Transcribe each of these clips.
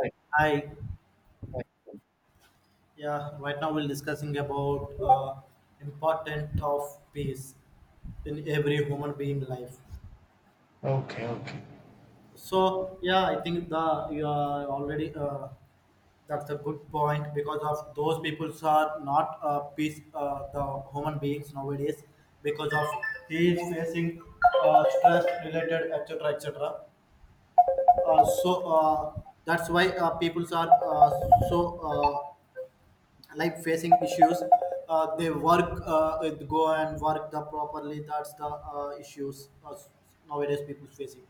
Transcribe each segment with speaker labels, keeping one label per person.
Speaker 1: Right,
Speaker 2: Hi.
Speaker 1: right.
Speaker 2: Yeah, right now we're discussing about importance of peace in every human being life.
Speaker 1: Okay, okay.
Speaker 2: So yeah, I think the you are already that's a good point because of those people are not peace the human beings nowadays because of he is facing stress related etc. etc. That's why people are so. Like facing issues they work go and work the properly that's the issues nowadays people facing.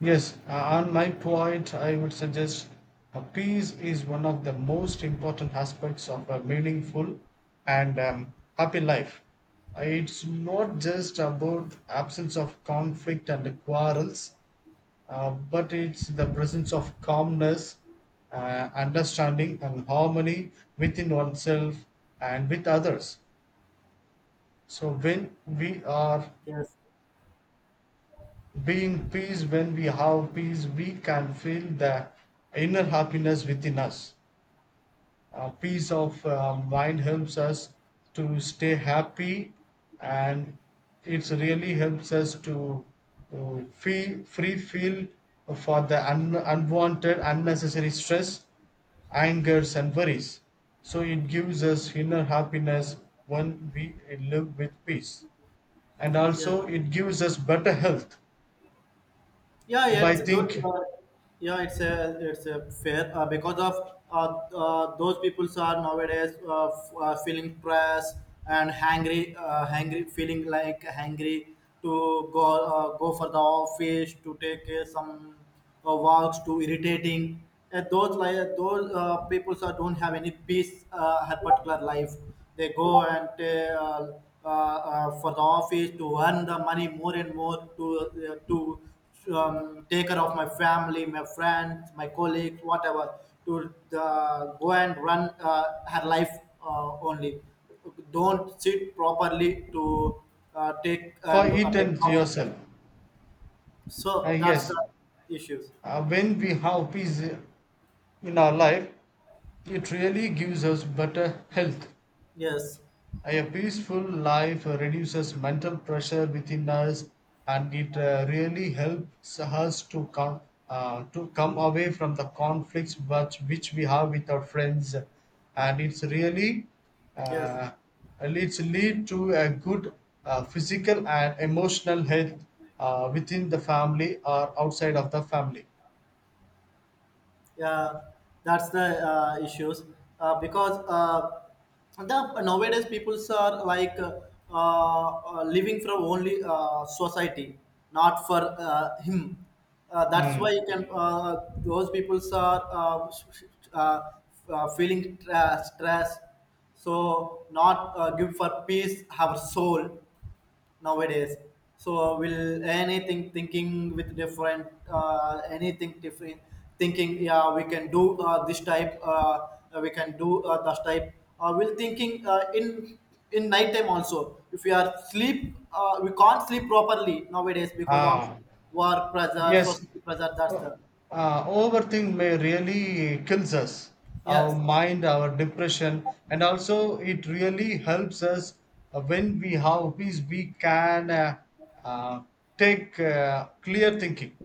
Speaker 1: Yes, on my point, I would suggest a peace is one of the most important aspects of a meaningful and happy life. It's not just about absence of conflict and quarrels, but it's the presence of calmness, understanding, and harmony within oneself and with others. So when we are
Speaker 2: Yes,
Speaker 1: being peace, when we have peace, we can feel the inner happiness within us. Peace of mind helps us to stay happy and it really helps us to feel free feel for the unwanted, unnecessary stress, angers, and worries. So it gives us inner happiness when we live with peace. And
Speaker 2: yeah,
Speaker 1: also, it gives us better health
Speaker 2: yeah,
Speaker 1: by
Speaker 2: it's
Speaker 1: think
Speaker 2: good. Yeah, it's a fair, because of those people are nowadays feeling press and hangry, hangry feeling like hangry to go for the office to take some works too irritating. And those like those people don't have any peace her particular life. They go and for the office to earn the money more and more to take care of my family, my friends, my colleagues, whatever. To go and run her life only. Don't sit properly to take
Speaker 1: for
Speaker 2: and
Speaker 1: it
Speaker 2: take
Speaker 1: and
Speaker 2: off.
Speaker 1: yourself.
Speaker 2: So that's
Speaker 1: Yes,
Speaker 2: the issues.
Speaker 1: when we have peace in our life, it really gives us better health.
Speaker 2: Yes,
Speaker 1: A peaceful life reduces mental pressure within us and it really helps us to come away from the conflicts but which we have with our friends and it's really
Speaker 2: yes,
Speaker 1: uh, it's lead to a good physical and emotional health within the family or outside of the family.
Speaker 2: yeah, that's the issues, because the nowadays peoples are like living from only society, not for him. That's why
Speaker 1: Hmm.
Speaker 2: you can those peoples are uh, feeling stress. So not give for peace our soul. Nowadays so will anything thinking with different, anything different thinking, yeah we can do this type, we can do this type, will thinking in nighttime also, if we are sleep we can't sleep properly nowadays because of
Speaker 1: Ah,
Speaker 2: work pressure
Speaker 1: yes,
Speaker 2: society pressure that's
Speaker 1: uh,
Speaker 2: the.
Speaker 1: overthink may really kills us, our
Speaker 2: Yes,
Speaker 1: mind, our depression, and also it really helps us when we have peace. We can uh, take clear thinking.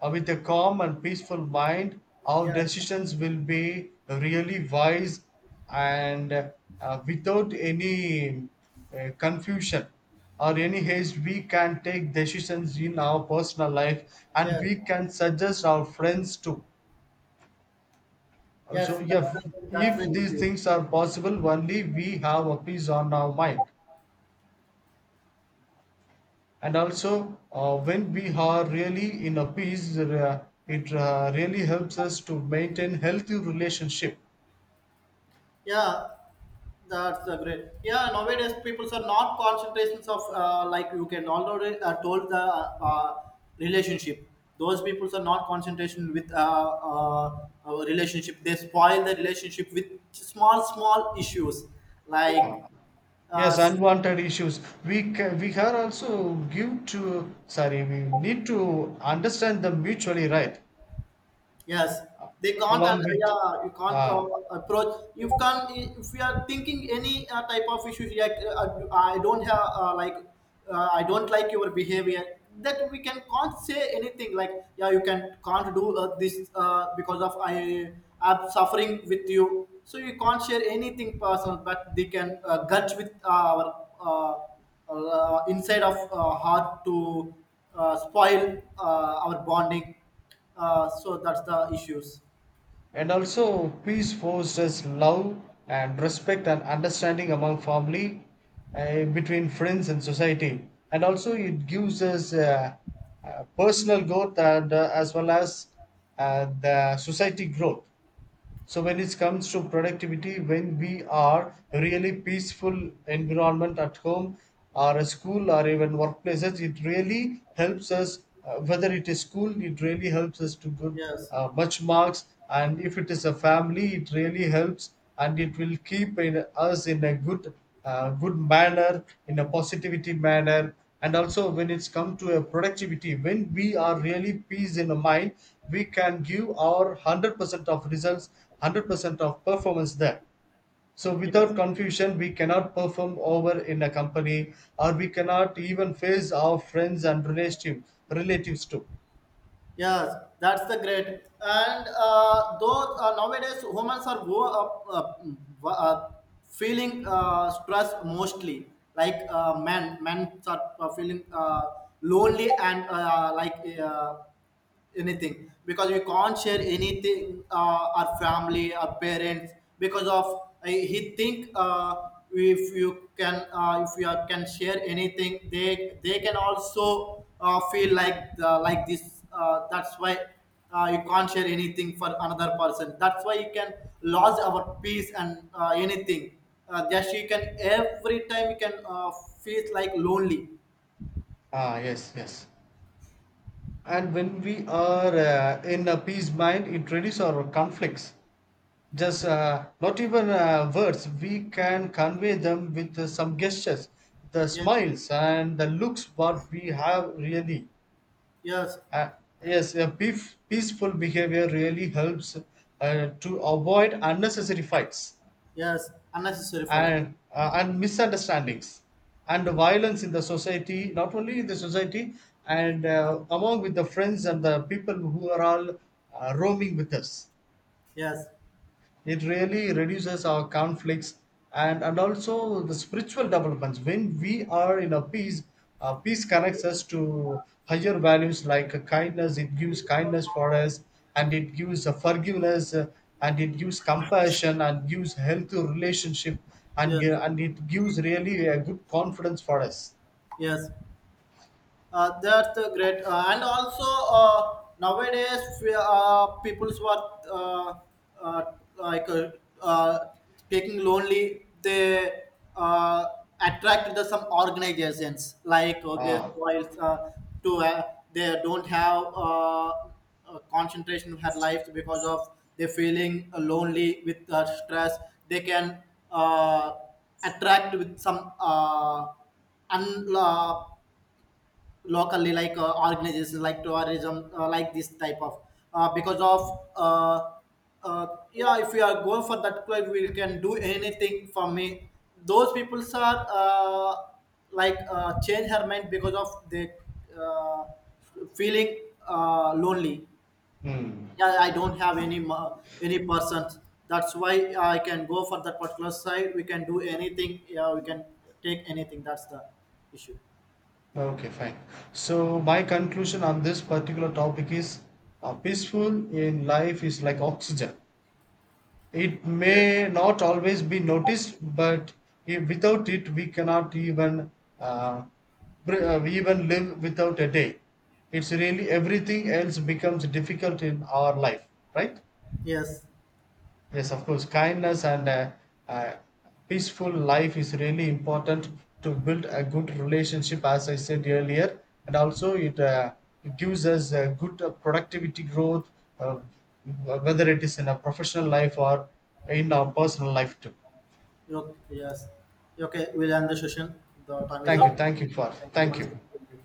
Speaker 1: With a calm and peaceful mind, our
Speaker 2: yes,
Speaker 1: decisions will be really wise and without any confusion or any haste. We can take decisions in our personal life and
Speaker 2: yes,
Speaker 1: we can suggest our friends too. So,
Speaker 2: yes,
Speaker 1: if
Speaker 2: that's the, that's
Speaker 1: if
Speaker 2: the
Speaker 1: these
Speaker 2: issue.
Speaker 1: things are possible, only we have a peace on our mind. And also when we are really in a peace it really helps us to maintain healthy relationship.
Speaker 2: Yeah, that's a great. Yeah, nowadays people are not concentrations of, like you can already told the relationship. Those people are not concentration with our relationship. They spoil the relationship with small issues, like uh,
Speaker 1: Yes, unwanted issues, we we are also give to, sorry, we need to understand them mutually, right,
Speaker 2: yes, they can't.
Speaker 1: along with
Speaker 2: Yeah, you can't
Speaker 1: uh,
Speaker 2: approach. You can't. If we are thinking any type of issues, like I don't have like I don't like your behavior. That we can't say anything, like yeah you can't do this because of I am suffering with you. So you can't share anything personal, but they can gudge with our inside of heart to spoil our bonding, so that's the issues.
Speaker 1: and also peace fosters love and respect and understanding among family, between friends and society, and also it gives us personal growth and as well as the society growth. So when it comes to productivity, when we are really peaceful environment at home or a school or even workplaces, it really helps us. Whether it is school, it really helps us to good
Speaker 2: Yes,
Speaker 1: much marks, and if it is a family, it really helps and it will keep in, us in a good, good manner, in a positivity manner, and also when it's come to a productivity when we are really peace in the mind we can give our 100% of results, 100% of performance there. So without
Speaker 2: yes,
Speaker 1: confusion we cannot perform over in a company or we cannot even face our friends and relatives too.
Speaker 2: yes, that's the great. And though nowadays humans are go up feeling stress mostly, like men are feeling lonely and like anything, because we can't share anything our family our parents, because of he think if you are, can share anything, they can also feel like the, like this, that's why you can't share anything for another person, that's why you can lose our peace and anything, just you can every time you can feel like lonely.
Speaker 1: Ah, yes, yes. And when we are in a peace mind it reduces our conflicts, just not even words, we can convey them with some gestures, the
Speaker 2: Yes,
Speaker 1: smiles and the looks what we have really.
Speaker 2: yes,
Speaker 1: uh, yes, peaceful behavior really helps to avoid unnecessary fights
Speaker 2: yes, unnecessary fight,
Speaker 1: and and misunderstandings and the violence in the society, not only in the society, and among with the friends and the people who are all roaming with us.
Speaker 2: yes.
Speaker 1: It really reduces our conflicts. And also the spiritual developments, when we are in a peace, peace connects us to higher values like kindness, it gives kindness for us, and it gives forgiveness, and it gives compassion and gives healthy relationship, and
Speaker 2: Yes.
Speaker 1: uh, and it gives really a good confidence for us.
Speaker 2: Yes. That's great. And also, nowadays, people's were uh, uh, like uh, taking lonely. They uh, attract the some organizations, like they
Speaker 1: Ah,
Speaker 2: spoils to they don't have concentration in their life because of they feeling lonely with stress. They can uh, attract with some. Un, uh, locally, like organizations like tourism, like this type of, because of uh, yeah if we are going for that club we can do anything for me, those people are like change her mind because of the uh, feeling lonely.
Speaker 1: hmm.
Speaker 2: Yeah, I don't have any any person, that's why I can go for that particular side, we can do anything, yeah we can take anything, that's the issue.
Speaker 1: Okay, fine. So my conclusion on this particular topic is peaceful in life is like oxygen. It
Speaker 2: Yes,
Speaker 1: may not always be noticed, but without it, we cannot even uh, even live without a day. It's really everything else becomes difficult in our life, right?
Speaker 2: yes.
Speaker 1: Yes, of course, kindness and a peaceful life is really important to build a good relationship, as I said earlier, and also it, it gives us a good productivity growth, uh, whether it is in a professional life or in our personal life too.
Speaker 2: Okay, yes. Okay, we'll end the session. The time is up. Thank you
Speaker 1: Thank
Speaker 2: once
Speaker 1: you.
Speaker 2: again.